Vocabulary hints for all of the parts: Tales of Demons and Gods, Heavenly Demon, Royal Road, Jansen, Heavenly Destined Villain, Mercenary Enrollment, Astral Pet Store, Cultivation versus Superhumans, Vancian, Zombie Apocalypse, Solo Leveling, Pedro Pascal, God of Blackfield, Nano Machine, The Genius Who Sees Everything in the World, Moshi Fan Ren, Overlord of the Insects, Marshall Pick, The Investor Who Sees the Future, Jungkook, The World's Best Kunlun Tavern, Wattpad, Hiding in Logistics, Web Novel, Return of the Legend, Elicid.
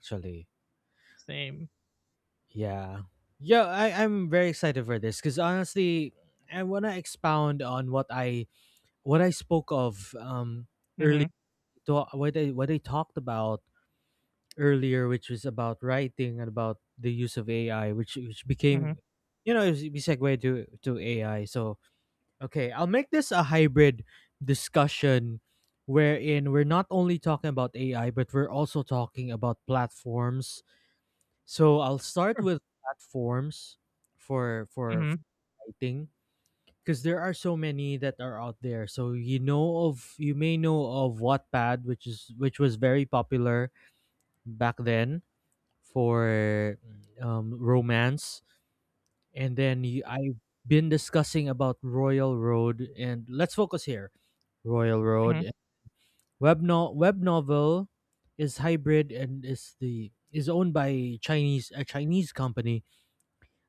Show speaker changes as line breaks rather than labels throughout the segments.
Actually.
Same.
Yeah. Yeah, I'm very excited for this because honestly, I want to expound on what I spoke of early
Mhm,
what I talked about earlier, which was about writing and about the use of AI, which
mhm.
became you know it we segue to AI. So okay, I'll make this a hybrid discussion wherein we're not only talking about AI, but we're also talking about platforms. So I'll start
Sure.
with platforms for
Mhm,
fighting because there are so many that are out there. So you may know of Wattpad, which was very popular back then for romance, and then I've been discussing about Royal Road, and let's focus here. Royal
mhm,
Road web no- web novel is hybrid and is the is owned by Chinese company.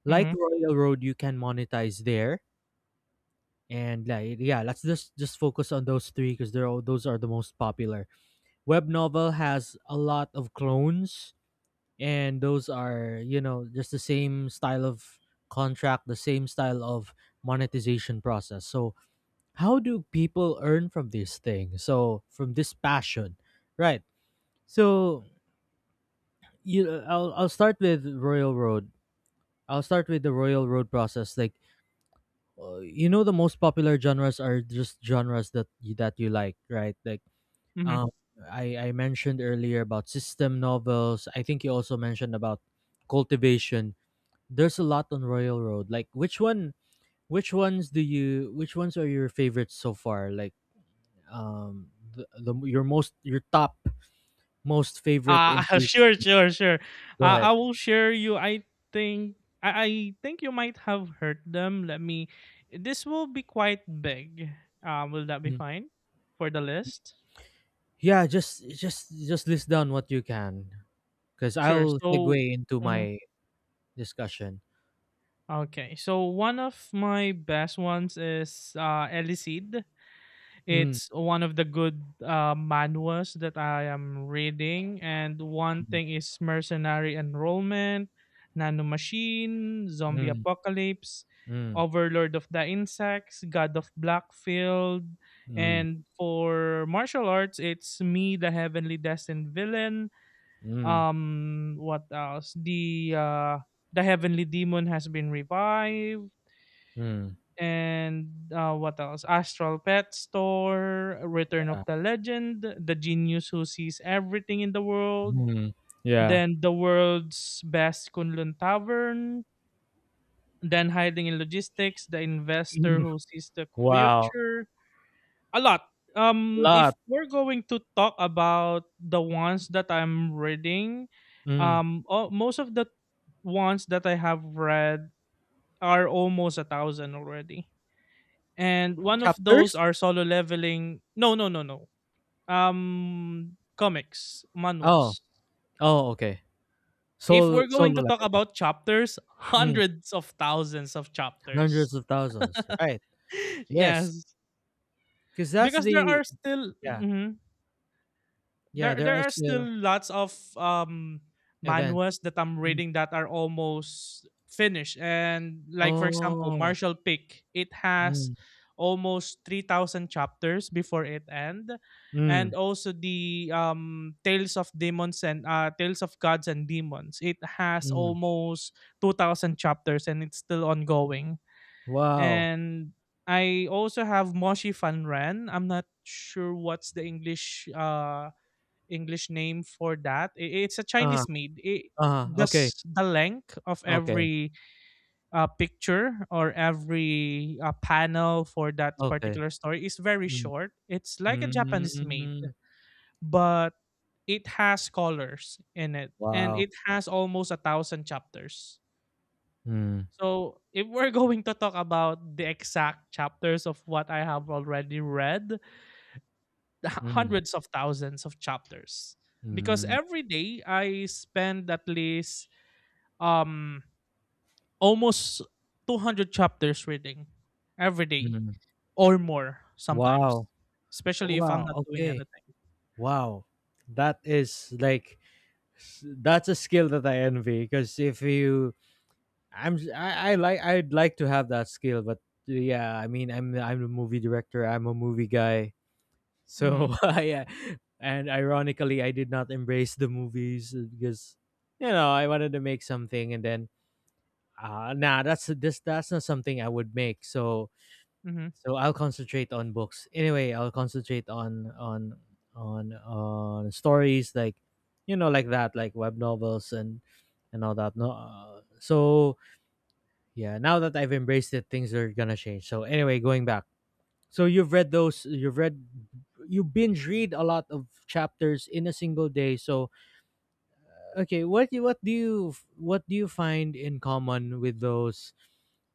Like
mhm,
Royal Road, you can monetize there. And, like, yeah, let's just focus on those three because those are the most popular. Web novel has a lot of clones, and those are just the same style of contract, the same style of monetization process. So how do people earn from this thing? So from this passion, right? So you, I'll start with Royal Road. I'll start with the Royal Road process. Like the most popular genres are just genres that you like, right? like
mhm.
um i i mentioned earlier about system novels. I think you also mentioned about cultivation. There's a lot on Royal Road. Like which ones are your favorites so far? Like, um the your most your top most favorite. In
Sure, sure, sure.
Go ahead.
I will share you I think you might have heard them. Let me this will be quite big. Will that be
Mm.
fine for the list?
Yeah, just list down what you can because
Sure.
I'll
So
segue into
mhm.
my discussion.
Okay. So one of my best ones is Elicid.
Mm.
It's one of the good manuals that I am reading, and one thing is mercenary enrollment, nano machine, zombie
Mm,
apocalypse,
mm,
overlord of the insects, god of blackfield,
mm,
and for martial arts, it's me, the heavenly destined villain.
mm,
What else? The heavenly demon has been revived
mm,
and what else? Astral Pet Store, Return of
yeah,
the Legend, The Genius Who Sees Everything in the World,
mm, yeah.
then The World's Best Kunlun Tavern, then Hiding in Logistics, The Investor Who Sees the
Wow.
Future. A lot. If
Lot.
we're going to talk about the ones that I'm reading,
Mm.
oh, most of the ones that I have read are almost a thousand already. And one of those
Chapters?
are solo leveling no comics,
Oh,
manhwas.
oh, okay.
If
Solo
we're going
solo
to talk
leveling.
about chapters,
Mm,
hundreds of thousands of chapters.
hundreds of thousands, right? Yes,
Yes,
because that's
because there
the
are still
yeah,
mhm.
yeah.
There
There are
are still
still
lots of um
events.
manuals that I'm
Mm.
reading that are almost finished. And like for example,
Oh,
Marshall Pick, it has
mm,
almost 3000 chapters before it end,
mm,
and also the tales of demons and tales of gods and demons, it has
mm.
almost 2000 chapters and it's still ongoing.
Wow.
And I also have moshi fan ren. I'm not sure what's the English name for that. It's a
Uh,
Chinese made.
Okay,
The length of
okay,
every picture or every panel for that
okay.
particular story is very
Mm,
short. It's like a Japanese made,
mm,
but it has colors in it, and
wow.
it has almost a thousand chapters.
Mm,
So if we're going to talk about the exact chapters of what I have already read,
mm,
hundreds of thousands of chapters, because
mm.
every day I spend at least um almost 200 chapters reading every day
Mm.
or more sometimes,
Wow.
especially if
Wow.
I'm not doing
Okay.
anything.
Wow. That is, like, s- that's a skill that I envy, because if you I'm s- I like I'd like to have that skill, but yeah, I mean I'm a movie director, I'm a movie guy.
Mhm.
So I and ironically I did not embrace the movies, because you know, I wanted to make something, and then nah, that's not something I would make. So
Mhm.
So I'll concentrate on books. Anyway, I'll concentrate on stories, like, like that, like web novels, and all that. No, so yeah, now that I've embraced it, things are gonna change. So anyway, going back. So you've read those. You've read. You binge read a lot of chapters in a single day. So okay, what do you find in common with those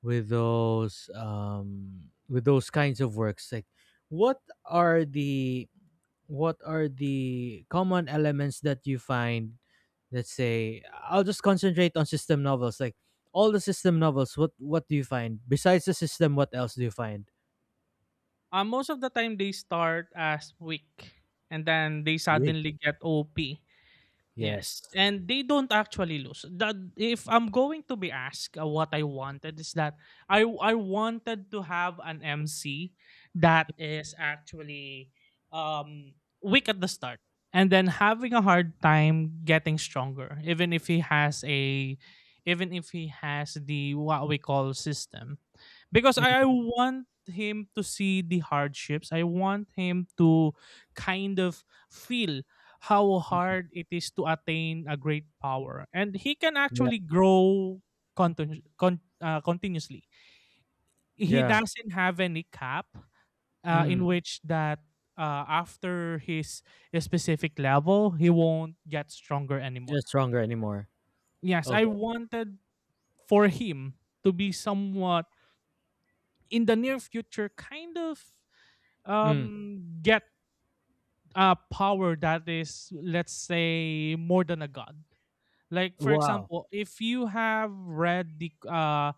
with those with those kinds of works, like what are the what are the common elements that you find. Let's say I'll just concentrate on system novels, like, all the system novels, what do you find besides the system? What else do you find?
Most of the time they start as weak and then they
Weak.
suddenly get OP.
Yes.
Yes, and they don't actually lose. That if I'm going to be asked, what I wanted is that I wanted to have an MC that is actually um weak at the start, and then having a hard time getting stronger even if he has a even if he has the what we call system, because I
Mm,
want him to see the hardships. I want him to kind of feel how hard it is to attain a great power. And he can
yeah.
actually grow continuously. He
Yeah.
doesn't have any cap in
Mm.
which that, after his specific level, he won't get stronger anymore.
You're stronger anymore.
Yes, I
Okay.
wanted for him to be somewhat in the near future, kind of
Mm.
get a power that is, let's say, more than a god. Like for
Wow.
example, if you have read the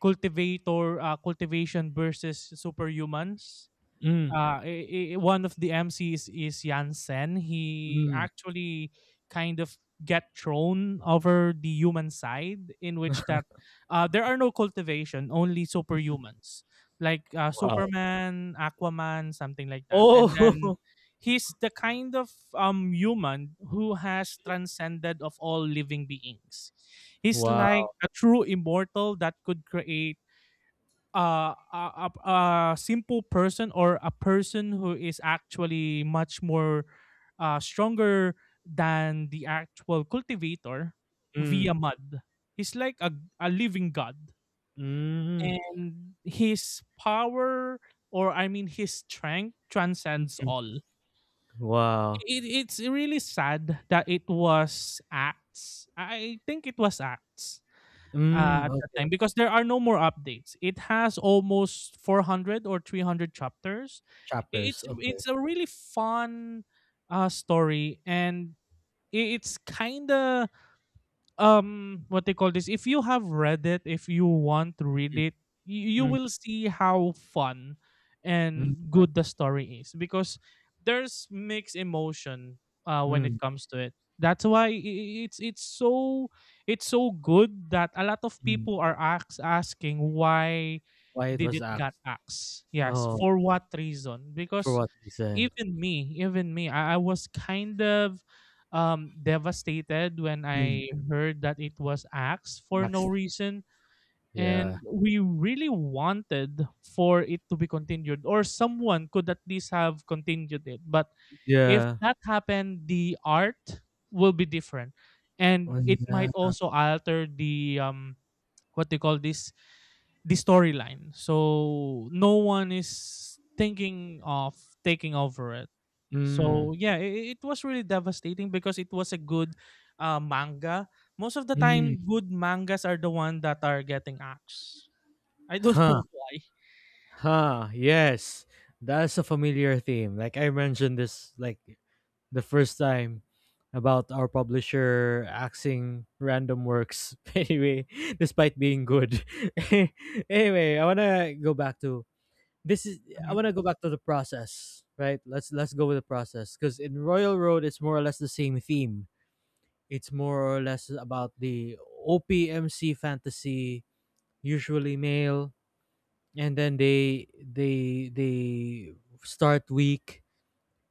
cultivator cultivation versus superhumans,
Mm.
one of the MCs is Jansen. He
Mm.
actually kind of get thrown over the human side in which that, there are no cultivation, only superhumans like
Wow.
Superman, Aquaman, something like that. And then
Oh,
he's the kind of human who has transcended of all living beings. He's
wow.
like a true immortal that could create a simple person or a person who is actually much more stronger than the actual cultivator
Mm.
via mud. He's like a living god.
Mm.
And his power, or I mean, his strength transcends all.
Wow.
It's really sad that it was acts. I think it was acts
Mm,
at that
okay.
time because there are no more updates. It has almost 400 or 300 chapters.
Chapters, okay.
It's a really fun story, and it's kind of what they call this, if you have read it, if you want to read
Mm,
it, you
mm,
will see how fun
mm,
and good the story is, because there's mixed emotion when it
mm,
comes to it. That's why it's so, it's so good that a lot of
mm.
people are asking why
Why it
did
was
it got
axed?
axed. Yes,
Oh,
for what reason?
for
Because
what reason?
even me, even me, I was kind of devastated when
Mm.
I heard that it was axed for no
Axed.
reason.
Yeah.
And we really wanted for it to be continued, or someone could at least have continued it. But if
Yeah.
that happened, the art will be different. And it might
Wala.
also alter the what they call this the storyline. So no one is thinking of taking over it.
Mm,
So yeah, it was really devastating because it was a good manga. Most of the time,
mm.
good mangas are the one that are getting axed. I don't
Huh.
know why.
Huh. Yes. That's a familiar theme. Like, I mentioned this, like, the first time about our publisher axing random works anyway, despite being good. Anyway, I wanna go back to — this is I
Mhm,
want to go back to the process, right? Let's go with the process, because in Royal Road it's more or less the same theme. It's more or less about the OPMC fantasy, usually male, and then they start weak,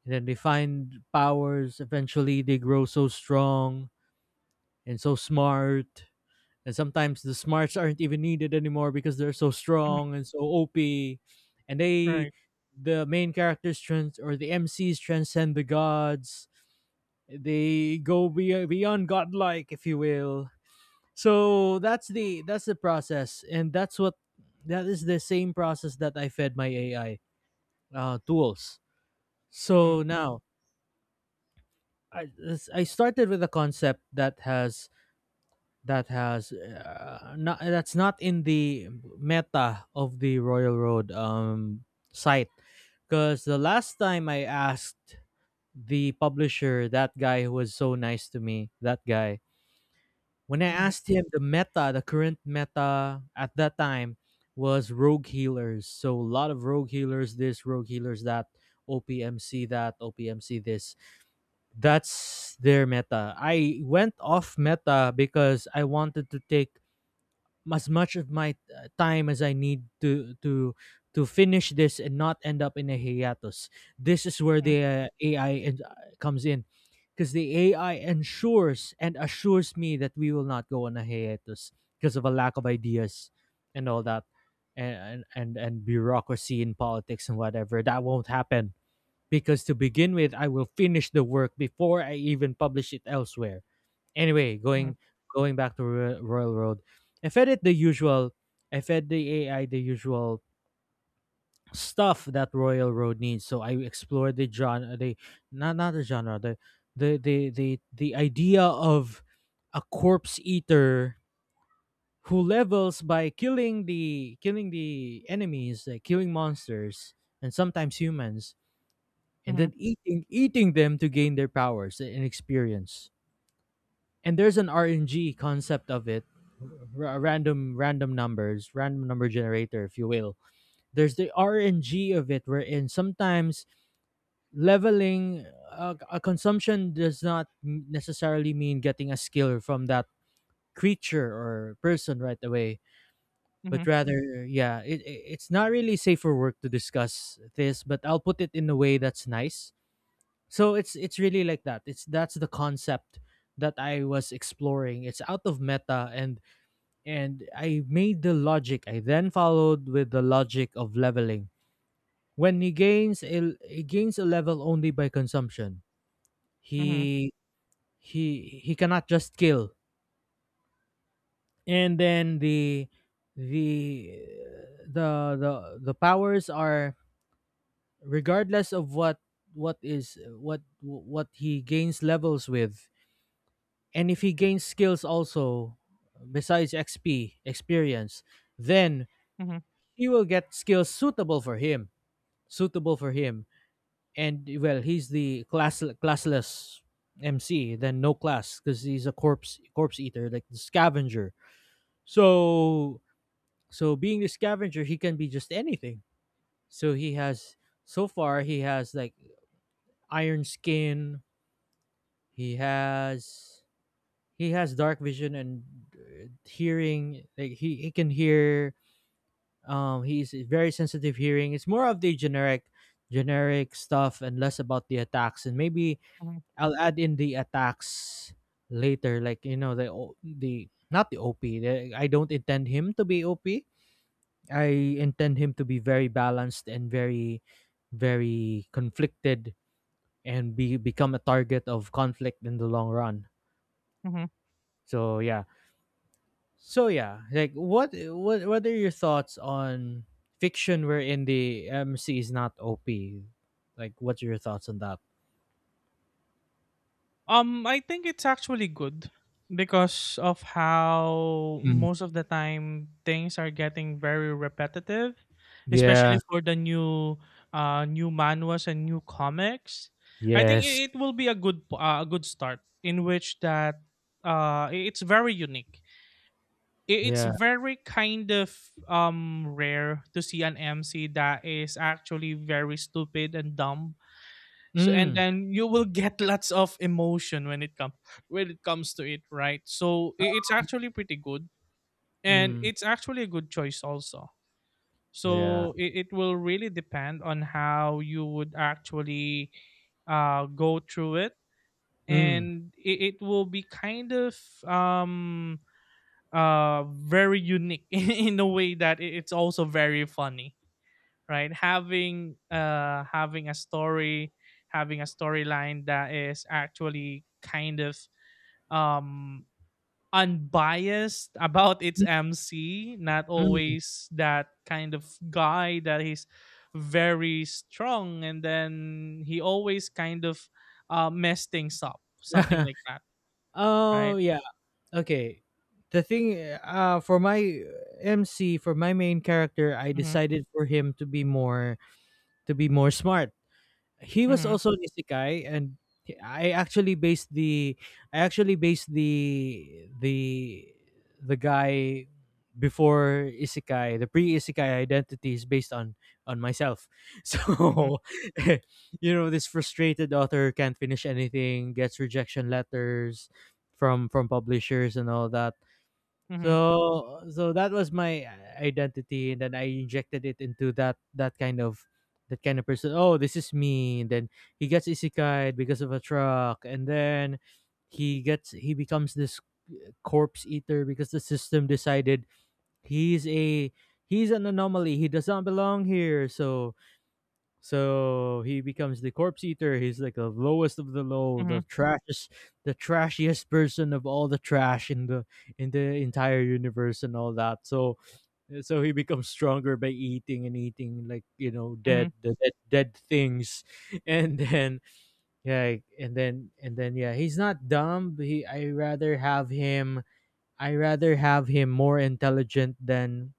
and then they find powers. Eventually, they grow so strong and so smart. And sometimes the smarts aren't even needed anymore because they're so
mhm,
strong and so OP. And they,
right.
the main characters trans or the MCs transcend the gods. They go beyond godlike, if you will. So that's the process, and that is the same process that I fed my AI, tools.
Hmm,
So now, I started with a concept that has — that has not that's not in the meta of the Royal Road, site. Because the last time I asked the publisher — that guy who was so nice to me — that guy when I
hmm,
asked him the current meta at that time, was rogue healers. So a lot of rogue healers this, rogue healers that, OPMC that, OPMC this. That's their meta. I went off meta because I wanted to take as much of my time as I need to finish this, and not end up in a hiatus. This is where the AI comes in, because the AI ensures and assures me that we will not go on a hiatus because of a lack of ideas and all that, and bureaucracy in politics and whatever. That won't happen, because to begin with, I will finish the work before I even publish it elsewhere. Anyway,
hmm.
going back to Royal Road, I fed it the usual. I fed the AI the usual stuff that Royal Road needs. So I explored the genre — the, not, not the genre, the idea of a corpse eater who levels by killing the enemies, like killing monsters and sometimes humans, and
Mhm,
then eating them to gain their powers and experience. And there's an RNG concept of it, random number generator, if you will. There's the RNG of it, wherein sometimes leveling, a consumption does not necessarily mean getting a skill from that creature or person right away,
mhm,
but rather, yeah, it's not really safe for work to discuss this, but I'll put it in a way that's nice. So it's really like that. It's That's the concept that I was exploring. It's out of meta, and I made the logic. I then followed with the logic of leveling. When he gains a level only by consumption,
mhm,
he he cannot just kill. And then the — the the powers are regardless of what is what he gains levels with. And if he gains skills also, besides XP, experience, then
mhm,
he will get skills suitable for him. Suitable for him. And well, he's the classless MC — then no class — because he's a corpse eater, like the scavenger. So so being the scavenger, he can be just anything. So he has so far he has, like, iron skin. He has dark vision, and, hearing. Like, he can hear. He's very sensitive hearing. It's more of the generic stuff, and less about the attacks, and maybe
mhm,
I'll add in the attacks later, like, you know the O- the not the OP — I don't intend him to be OP. I intend him to be very balanced and very conflicted, and be become a target of conflict in the long run.
mhm.
So yeah. So yeah, like, what are your thoughts on fiction wherein the MC is not OP? Like, what's your thoughts on that?
I think it's actually good because of how
Mm.
most of the time things are getting very repetitive,
Yeah.
especially for the new new manuals and new comics. I think
Yes.
it will be a good a good start in which that, it's very unique. It's
Yeah.
very kind of rare to see an MC that is actually very stupid and dumb. So, and
Mm.
then you will get lots of emotion when it comes to it, right? So it's actually pretty good, and
Mm.
it's actually a good choice also.
Yeah.
So it will really depend on how you would actually go through it,
Mm.
and it will be kind of um very unique in a way that it's also very funny, right? Having having a story, having a storyline that is actually kind of um unbiased about its MC, not
Mm.
always that kind of guy that he's very strong and then he always kind of mess things up, something like that,
Oh
right?
yeah. Okay. The thing, for my MC, for my main character, I
Mhm,
decided for him to be more — smart. He was
mhm,
also an isekai, and he- I actually based the I actually based the guy before isekai. The pre isekai identity is based on myself. So,
mhm,
you know, this frustrated author can't finish anything, gets rejection letters from publishers and all that.
mhm,
So that was my, identity, and then I injected it into that kind of person. Oh, this is me. And then he gets isekai because of a truck, and then he becomes this corpse eater, because the system decided he's a he's an anomaly. He does not belong here, so he becomes the corpse eater. He's like the lowest of the low,
mhm,
the trashiest, person of all the trash in the entire universe, and all that. So he becomes stronger by eating and eating, like,
mhm,
dead, dead things, and then, yeah, and then, yeah, he's not dumb. He I rather have him, more intelligent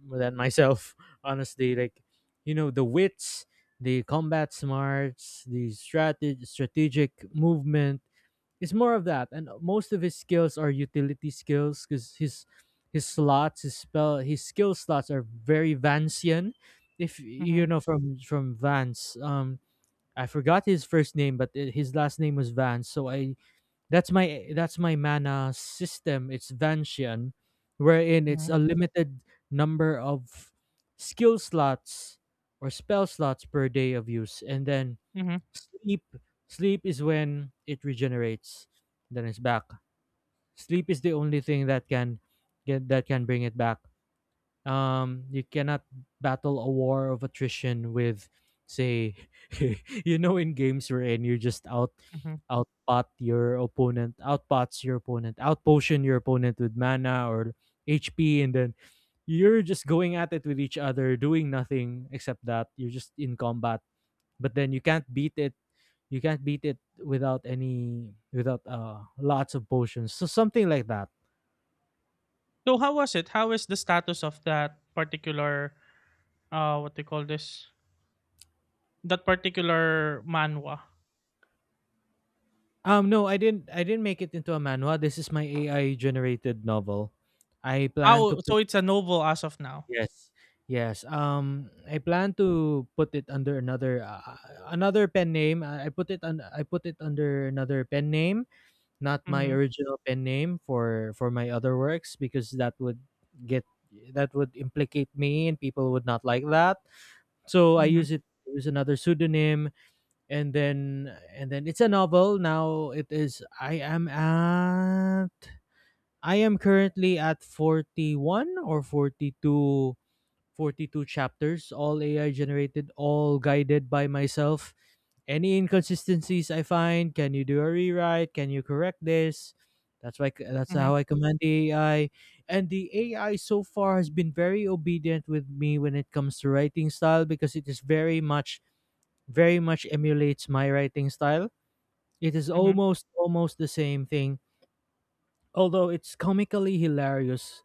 than myself. Honestly, like, the wits, the combat smarts, the strategy, strategic movement. It's more of that, and most of his skills are utility skills because his slots, his spell, his skill slots are very Vancian. If
mhm,
you know from Vance, I forgot his first name, but his last name was Vance. So I that's my mana system. It's Vanchian, wherein it's
mhm,
a limited number of skill slots or spell slots per day of use, and then
mhm,
sleep. Sleep is when it regenerates. Then it's back. Sleep is the only thing that can bring it back. You cannot battle a war of attrition with, say, in games wherein you just
mhm.
outpot your opponent, outpots your opponent, outpotion your opponent with mana or HP, and then you're just going at it with each other doing nothing except that you're just in combat, but then you can't beat it without any without lots of potions, so something like that.
So how was it? How is the status of that particular, what they call this, that particular manhwa.
No, I didn't. I didn't make it into a manhwa. This is my AI generated novel. I
Ah,
plan to
oh, so
put,
it's a novel as of now.
yes, yes. I plan to put it under another another pen name. I put it on. I put it under another pen name, not my
Mhm,
original pen name for my other works, because get that would implicate me and people would not like that. So I
mhm,
use it. Use another pseudonym, and then it's a novel now. It is, I am currently at 41 or 42, 42 chapters, all AI generated, all guided by myself. Any inconsistencies I find, can you do a rewrite? Can you correct this? That's
mhm,
how I command the AI, and the AI so far has been very obedient with me when it comes to writing style, because it is very much emulates my writing style. It is
mhm,
almost the same thing, although it's comically hilarious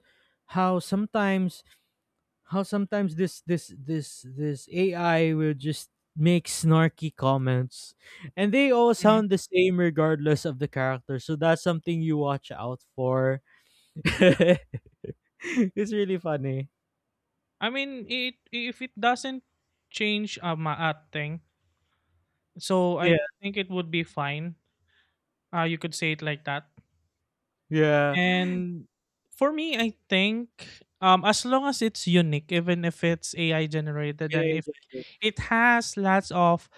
how sometimes this AI will just make snarky comments, and they all
mhm.
sound the same regardless of the character. So that's something you watch out for. It's really funny.
I mean, it, if it doesn't change a maat thing, so I
Yeah.
think it would be fine. You could say it like that.
Yeah.
And for me, I think, as long as it's unique, even if it's AI generated,
Can I
and if
just
it has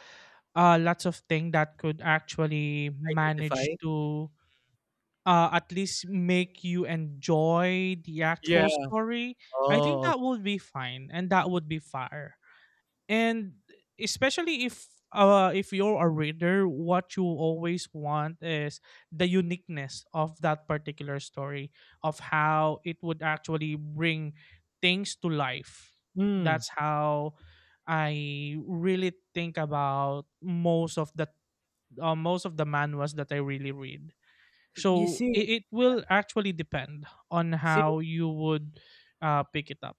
lots of things that could actually
identify?
manage to, at least make you enjoy the
Yeah.
actual story, I think
Oh, okay.
that would be fine and that would be fair. And especially if, if you're a reader, what you always want is the uniqueness of that particular story, of how it would actually bring things to life.
Hmm.
That's how I really think about most of the manuals that I really read.
You
So
see,
it will actually depend on
see
how you would pick it up.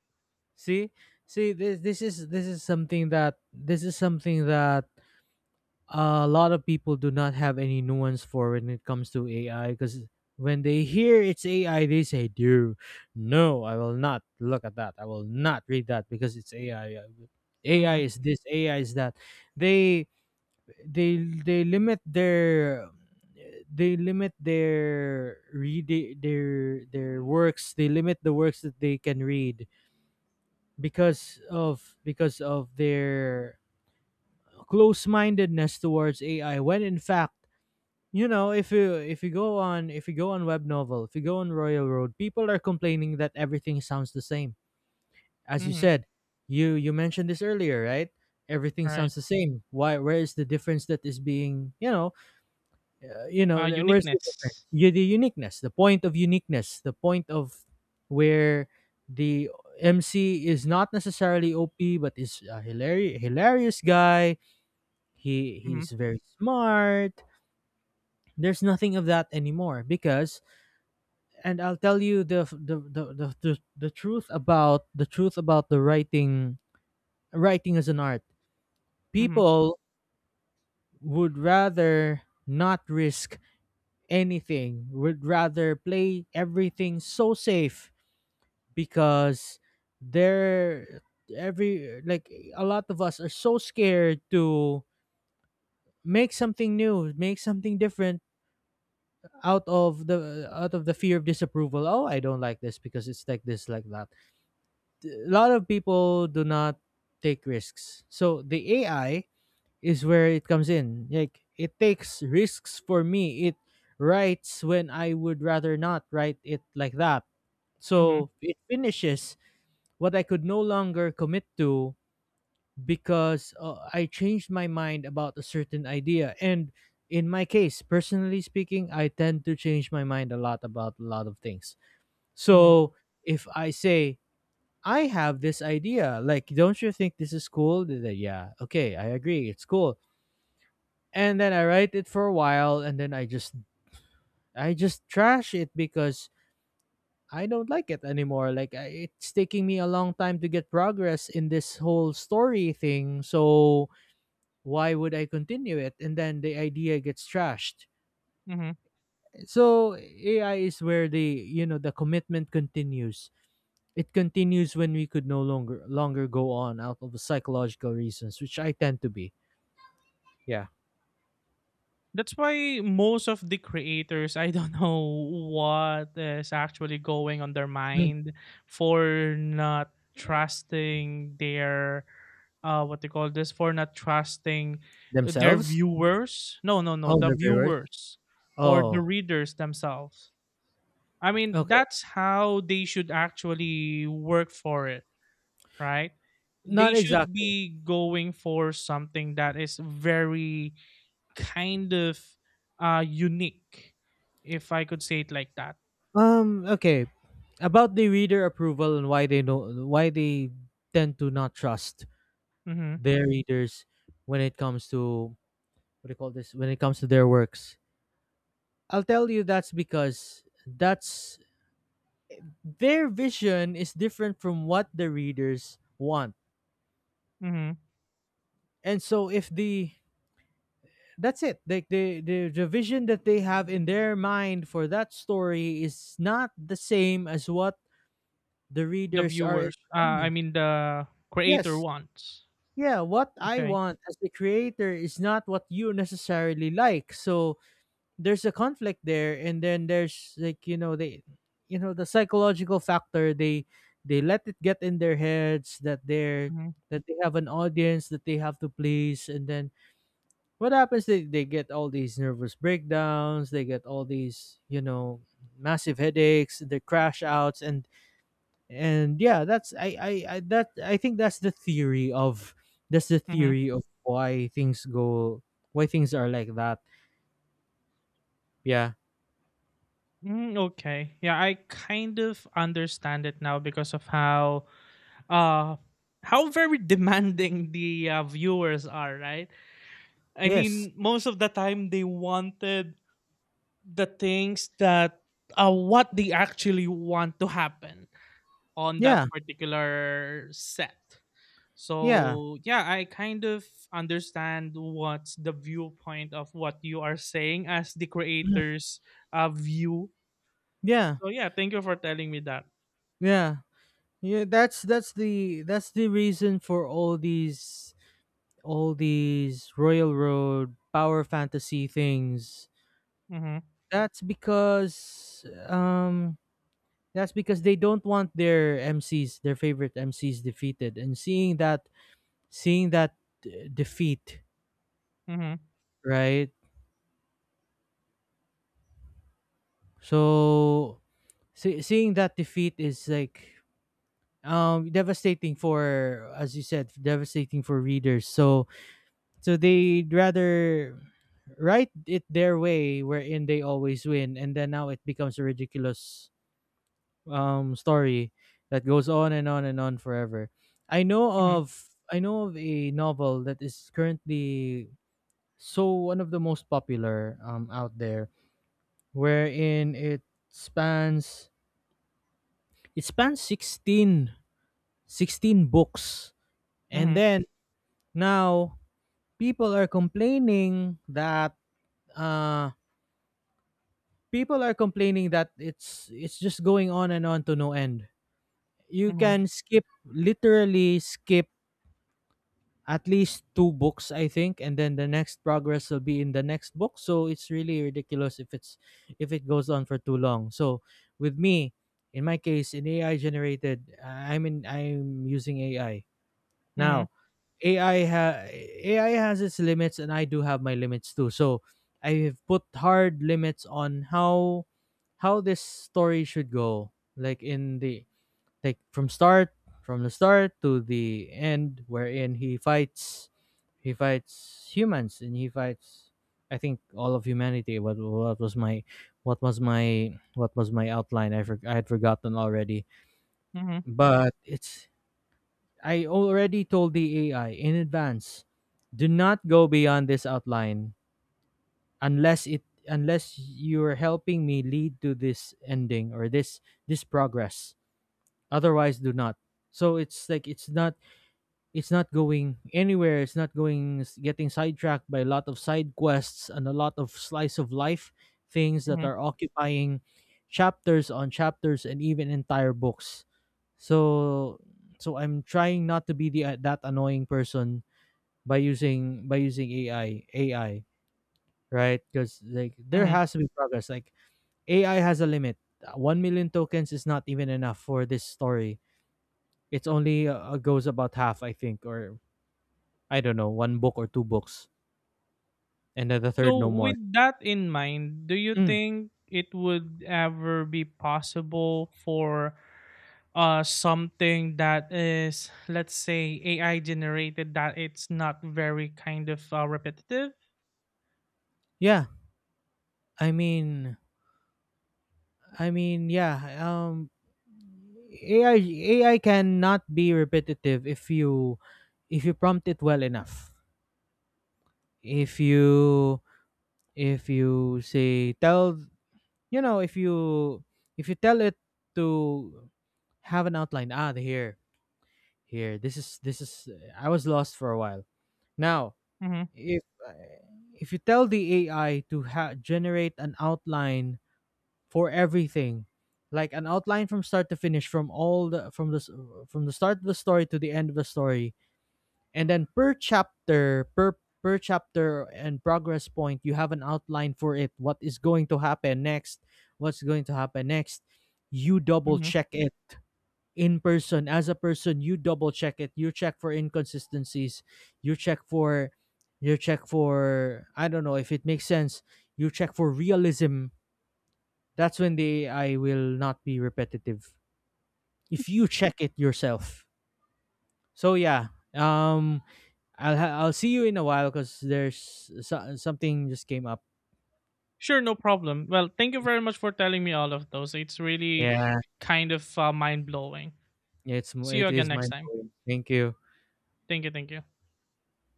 See, see this is something that a lot of people do not have any nuance for when it comes to AI, because when they hear it's AI they say, "Dude, no, I will not look at that. I will not read that because it's AI. AI
Mm-hmm.
is this, AI is that." They they they limit their works. They limit the works that they can read because of their close-mindedness towards AI, when in fact, if you go on if you go on web novel, if you go on Royal Road, people are complaining that everything sounds the same. As you
Mm-hmm.
said, you mentioned this earlier, right? Everything
All right.
sounds the same. Why? Where is the difference that is being, where's the difference?
Uniqueness.
The uniqueness, the point of uniqueness, the point of where the MC is not necessarily OP, but is a hilarious, hilarious guy.
Mm-hmm.
He's very smart. There's nothing of that anymore, because, and I'll tell you the truth about the writing as an art.
Mm-hmm.
People would rather not risk anything, would rather play everything so safe, because they're every like a lot of us are so scared to make something new, make something different out of the fear of disapproval. Oh, I don't like this because it's like this like that. A lot of people do not take risks. So the AI is where it comes in. Like, it takes risks for me. It writes when I would rather not write it like that.
Mm-hmm.
So it finishes what I could no longer commit to because, I changed my mind about a certain idea. And in my case, personally speaking, I tend to change my mind a lot about a lot of things. So if I say, I have this idea, like, don't you think this is cool? They're like, yeah, okay, I agree, it's cool, and then I write it for a while, and then I just trash it because I don't like it anymore. Like, I, it's taking me a long time to get progress in this whole story thing, so why would I continue it? And then the idea gets trashed.
Mm-hmm.
So AI is where, the the commitment continues. It continues when we could no longer go on out of psychological reasons, which I tend to be. Yeah.
That's why most of the creators, I don't know what is actually going on their
Mm.
mind for not trusting their what they call this for not trusting their
Themselves?
viewers. No, no, no,
Oh,
the
the viewers?
viewers or the
Oh,
readers themselves. I mean,
okay.
that's how they should actually work for it, right?
Not
They should
exactly.
be going for something that is very kind of unique, if I could say it like that.
Okay. About the reader approval and why they don't, why they tend to not trust
Hmm,
their readers when it comes to, what do you call this, when it comes to their works, I'll tell you that's because that's their vision is different from what the readers want,
hmm.
and so if the that's it. Like the vision that they have in their mind for that story is not the same as what the
The
readers are
viewers,
enjoying.
the creator
Yes,
wants
yeah, what I
okay.
want as the creator is not what you necessarily like. So there's a conflict there, and then there's like, they, the psychological factor, they let it get in their heads
Hmm,
that they have an audience that they have to please, and then what happens, they get all these nervous breakdowns, they get all these, massive headaches, they crash outs, and yeah, that's, I think that's the theory of,
hmm.
why things go, why things are like that. Yeah.
Mm, okay, yeah, I kind of understand it now because of uh how very demanding the viewers are, right? I
Yes.
mean, most of the time they wanted the things that, what they actually want to happen on that
Yeah,
particular set.
yeah.
So yeah, I kind of understand what's the viewpoint of what you are saying as the
Mhm.
creator's view.
Yeah,
So yeah, thank you for telling me that.
yeah, yeah. That's the reason for all these, royal road power fantasy things.
Mm-hmm.
That's because um that's because they don't want their favorite MCs defeated, and seeing that, defeat,
Mm-hmm.
right? So, seeing that defeat is like, devastating, for, as you said, devastating for readers. So, they'd rather write it their way, wherein they always win, and then now it becomes a ridiculous, story that goes on and on and on forever.
Mm-hmm.
I know of a novel that is currently, so, one of the most popular, out there, wherein spans it spans 16, 16 books, and
Mm-hmm.
then now people are complaining that, uh people are complaining that it's just going on and on to no end. You
Mm-hmm.
can skip, literally skip at least two books, I think, and then the next progress will be in the next book, so it's really ridiculous if it's if it goes on for too long. So, with me, in my case, in ai generated I'm in I'm using AI
Mm-hmm.
now. AI has its limits, and I do have my limits too, so I have put hard limits on how this story should go. Like in the, like from start, from the start to the end, wherein he fights humans, and he fights, I think, all of humanity. What, what was my outline? I had forgotten already.
Mm-hmm.
But it's I already told the AI in advance, do not go beyond this outline, unless it unless you're helping me lead to this ending or this progress, otherwise do not. So it's like, it's not going anywhere. It's not going, it's getting sidetracked by a lot of side quests and a lot of slice of life things that
Mm-hmm.
are occupying chapters on chapters and even entire books. So, I'm trying not to be the that annoying person by using, AI, right, because, like, there
Mm-hmm.
has to be progress. Like, AI has a limit. 1 million tokens is not even enough for this story. It's only, goes about half, I think, or I don't know, one book or two books, and then the third
So,
no more.
with that in mind, do you
Mm,
think it would ever be possible for something that is, let's say, AI generated that it's not very kind of repetitive?
yeah, I mean, yeah. AI cannot be repetitive if you prompt it well enough. If you if you say tell if you tell it to have an outline. Ah, here, here. This is this is. I was lost for a while. Now,
Mm-hmm.
if, if you tell the AI to, generate an outline for everything, like an outline from start to finish, from the start of the story to the end of the story, and then per chapter, per chapter and progress point. You have an outline for it. What is going to happen next? What's going to happen next? You double
Mm-hmm.
check it in person. As a person you double check it. You check for inconsistencies, you check for you check for, I don't know, if it makes sense. You check for realism. That's when the AI will not be repetitive, if you check it yourself. So yeah, I'll see you in a while because there's, something just came up.
Sure, no problem. Well, thank you very much for telling me all of those. It's really
Yeah,
kind of mind blowing. See you
it
again
is
next
mind
time.
blowing. Thank you.
Thank you, thank you.